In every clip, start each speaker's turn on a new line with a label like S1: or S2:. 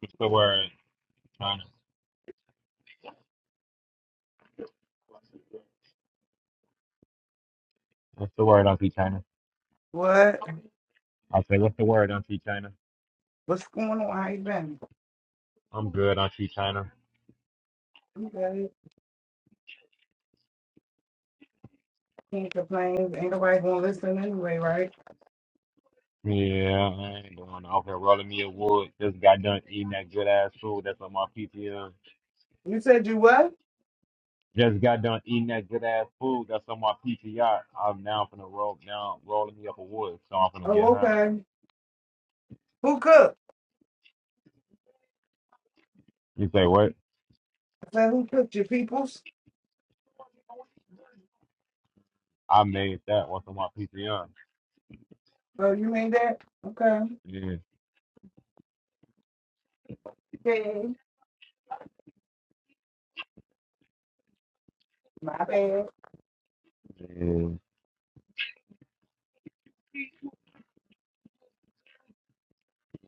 S1: What's the word, China? What's the word, Auntie China?
S2: What?
S1: I say, what's the word, Auntie China?
S2: What's going on? How you been?
S1: I'm good, Auntie China.
S2: You good? Can't complain. Ain't nobody gonna listen anyway, right?
S1: Yeah, I ain't going out here rolling me a wood. Just got done eating that good ass food that's on my PTR.
S2: You said you what?
S1: Just got done eating that good ass food that's on my PTR. I'm now finna roll down, rolling me up a wood, so I'm finna get
S2: Oh,
S1: high.
S2: okay. Who cooked?
S1: You say what?
S2: I said who cooked? Your peoples?
S1: I made that what's on my PTR.
S2: Oh, you made that? Okay.
S1: Yeah,
S2: Okay. My bad.
S1: yeah,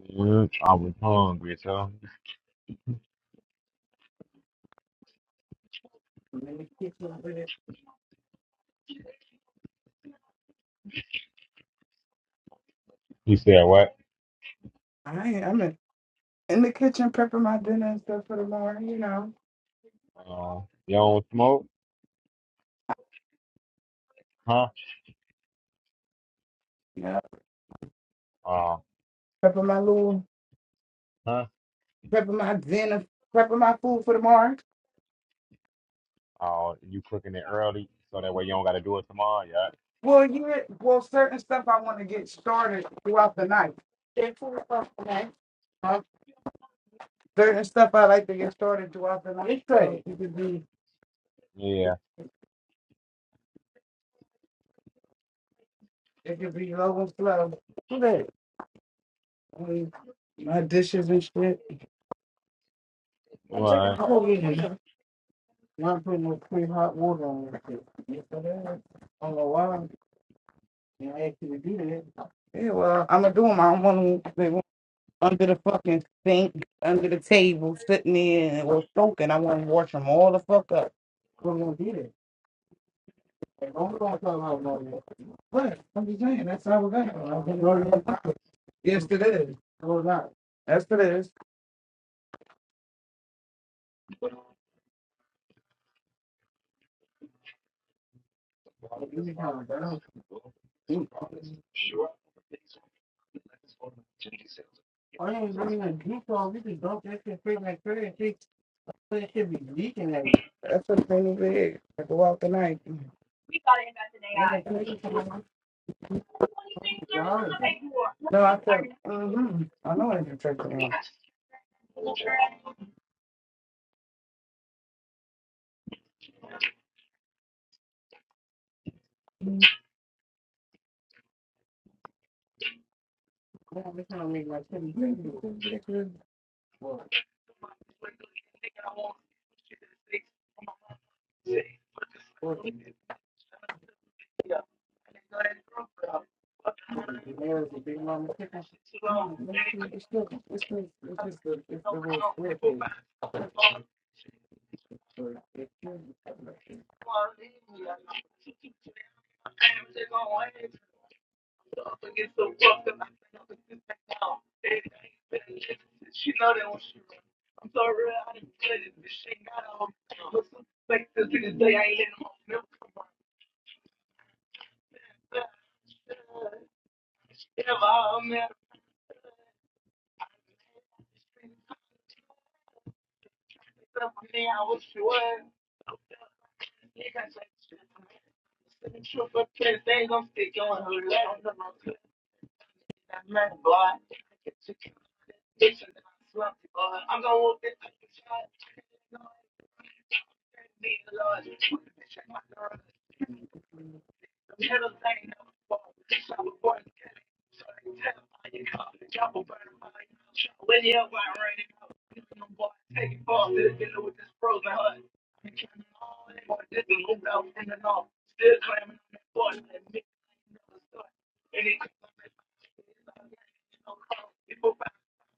S1: yeah. I was hungry, so.
S2: I'm in the kitchen with it.
S1: You said what?
S2: I ain't- I'm in, in the kitchen prepping my dinner and stuff for tomorrow. You know.
S1: Uh, you don't smoke? Huh?
S2: Yeah.
S1: Uh,
S2: Prepping my little,
S1: huh?
S2: prepping my dinner, prepping my food for tomorrow.
S1: Oh, you cooking it early so that way you don't got to do it tomorrow. Yeah.
S2: Well, yeah. Well, certain stuff I want to get started throughout the night. Get food for the night. certain stuff I like to get started throughout the night. So it could be
S1: Yeah.
S2: it could be low and slow. Okay. I mean, my dishes and shit. I'm taking
S1: Right.
S2: all of it. Not putting no clean hot water on it. shit. So that- I don't know why they asked you to do that. Yeah, well, I'm gonna do them. I don't want them under the fucking sink, under the table, sitting there and or soaking. I want to wash them all the fuck up. We're gonna do that. Like, don't we gonna talk about no But I'm just saying, that's how we're going. Yes, it is. No, it's not. Yes, it is. Like, You can count it down. Mm. I ain't bringing a juke on. You can dump that shit straight like crazy. and shit, But it should be leaking at you. That's the thing with it. I go out tonight. Ain't a place for me. You can go out with No, I said, mm-hmm. I know I can check it out. Mhm. Yeah, I'm just trying to make my chicken big. Well, well, the Daenerys, the big mama chicken. I don't know. It's still, it's still, it's just the, it's the whole square page. Picao, I'm gonna put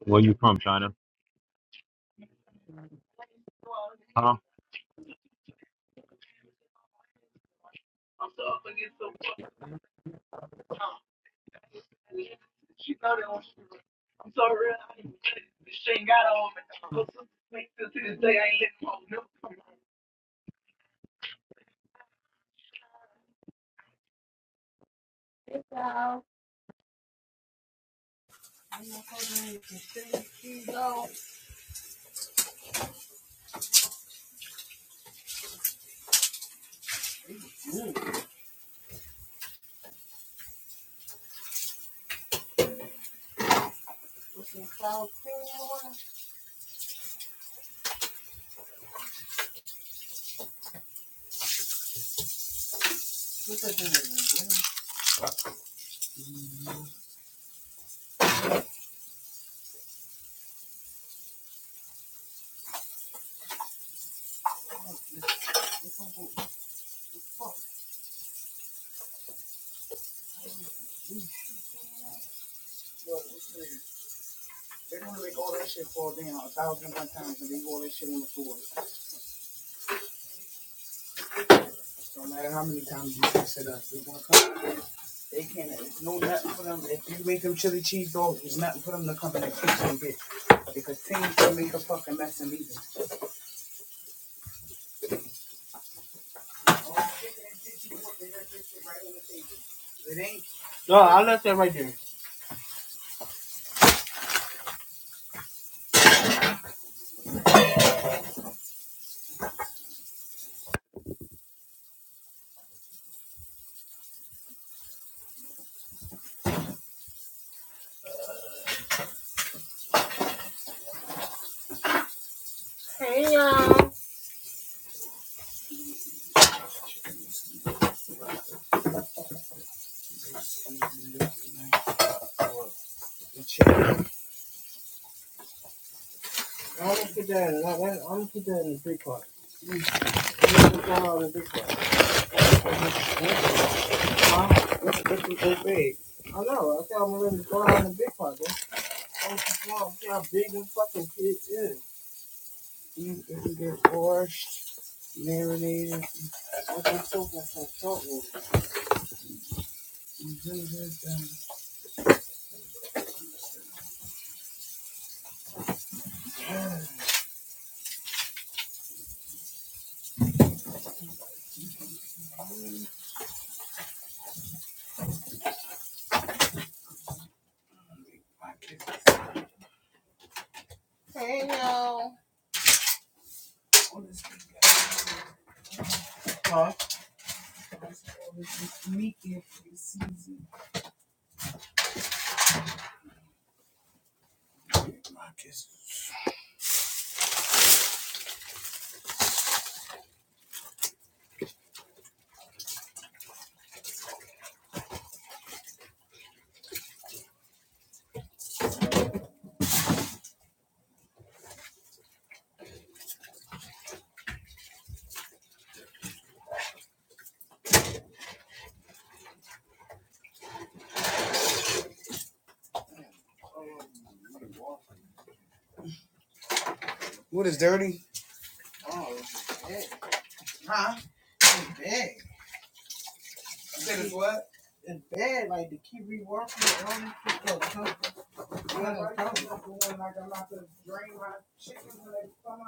S1: Where you from, China? Huh?
S2: in some cream cheese though, with some sour cream on it. What's that thing? It's gonna They're gonna make all that shit fall down a thousand and one times and leave all that shit on the floor. No matter how many times you fix it up, they're gonna come. They can't, it's no nothing for them. If you make them chili cheese dogs, it's nothing for them to come in the kitchen and get. Because things can make a fucking mess and leave it. All the chicken shit you want, they just right on the table. It ain't. No, I left that right there. I'm gonna put that in. I'm gonna put that in the big part. I'm gonna put that all the big part. Huh? This, this is so big. I know. I said I'm gonna let it go out the big part, That's so small. Look how big the fucking pitch is. You, can get washed, marinated. I've been soaking some salt water. You do this thing. Huh? What is dirty? Oh, it's big. Huh? It's big. You said it's what? It's bad. Like to keep reworking it. I go home, i like I'm about to drain my chicken when they come out.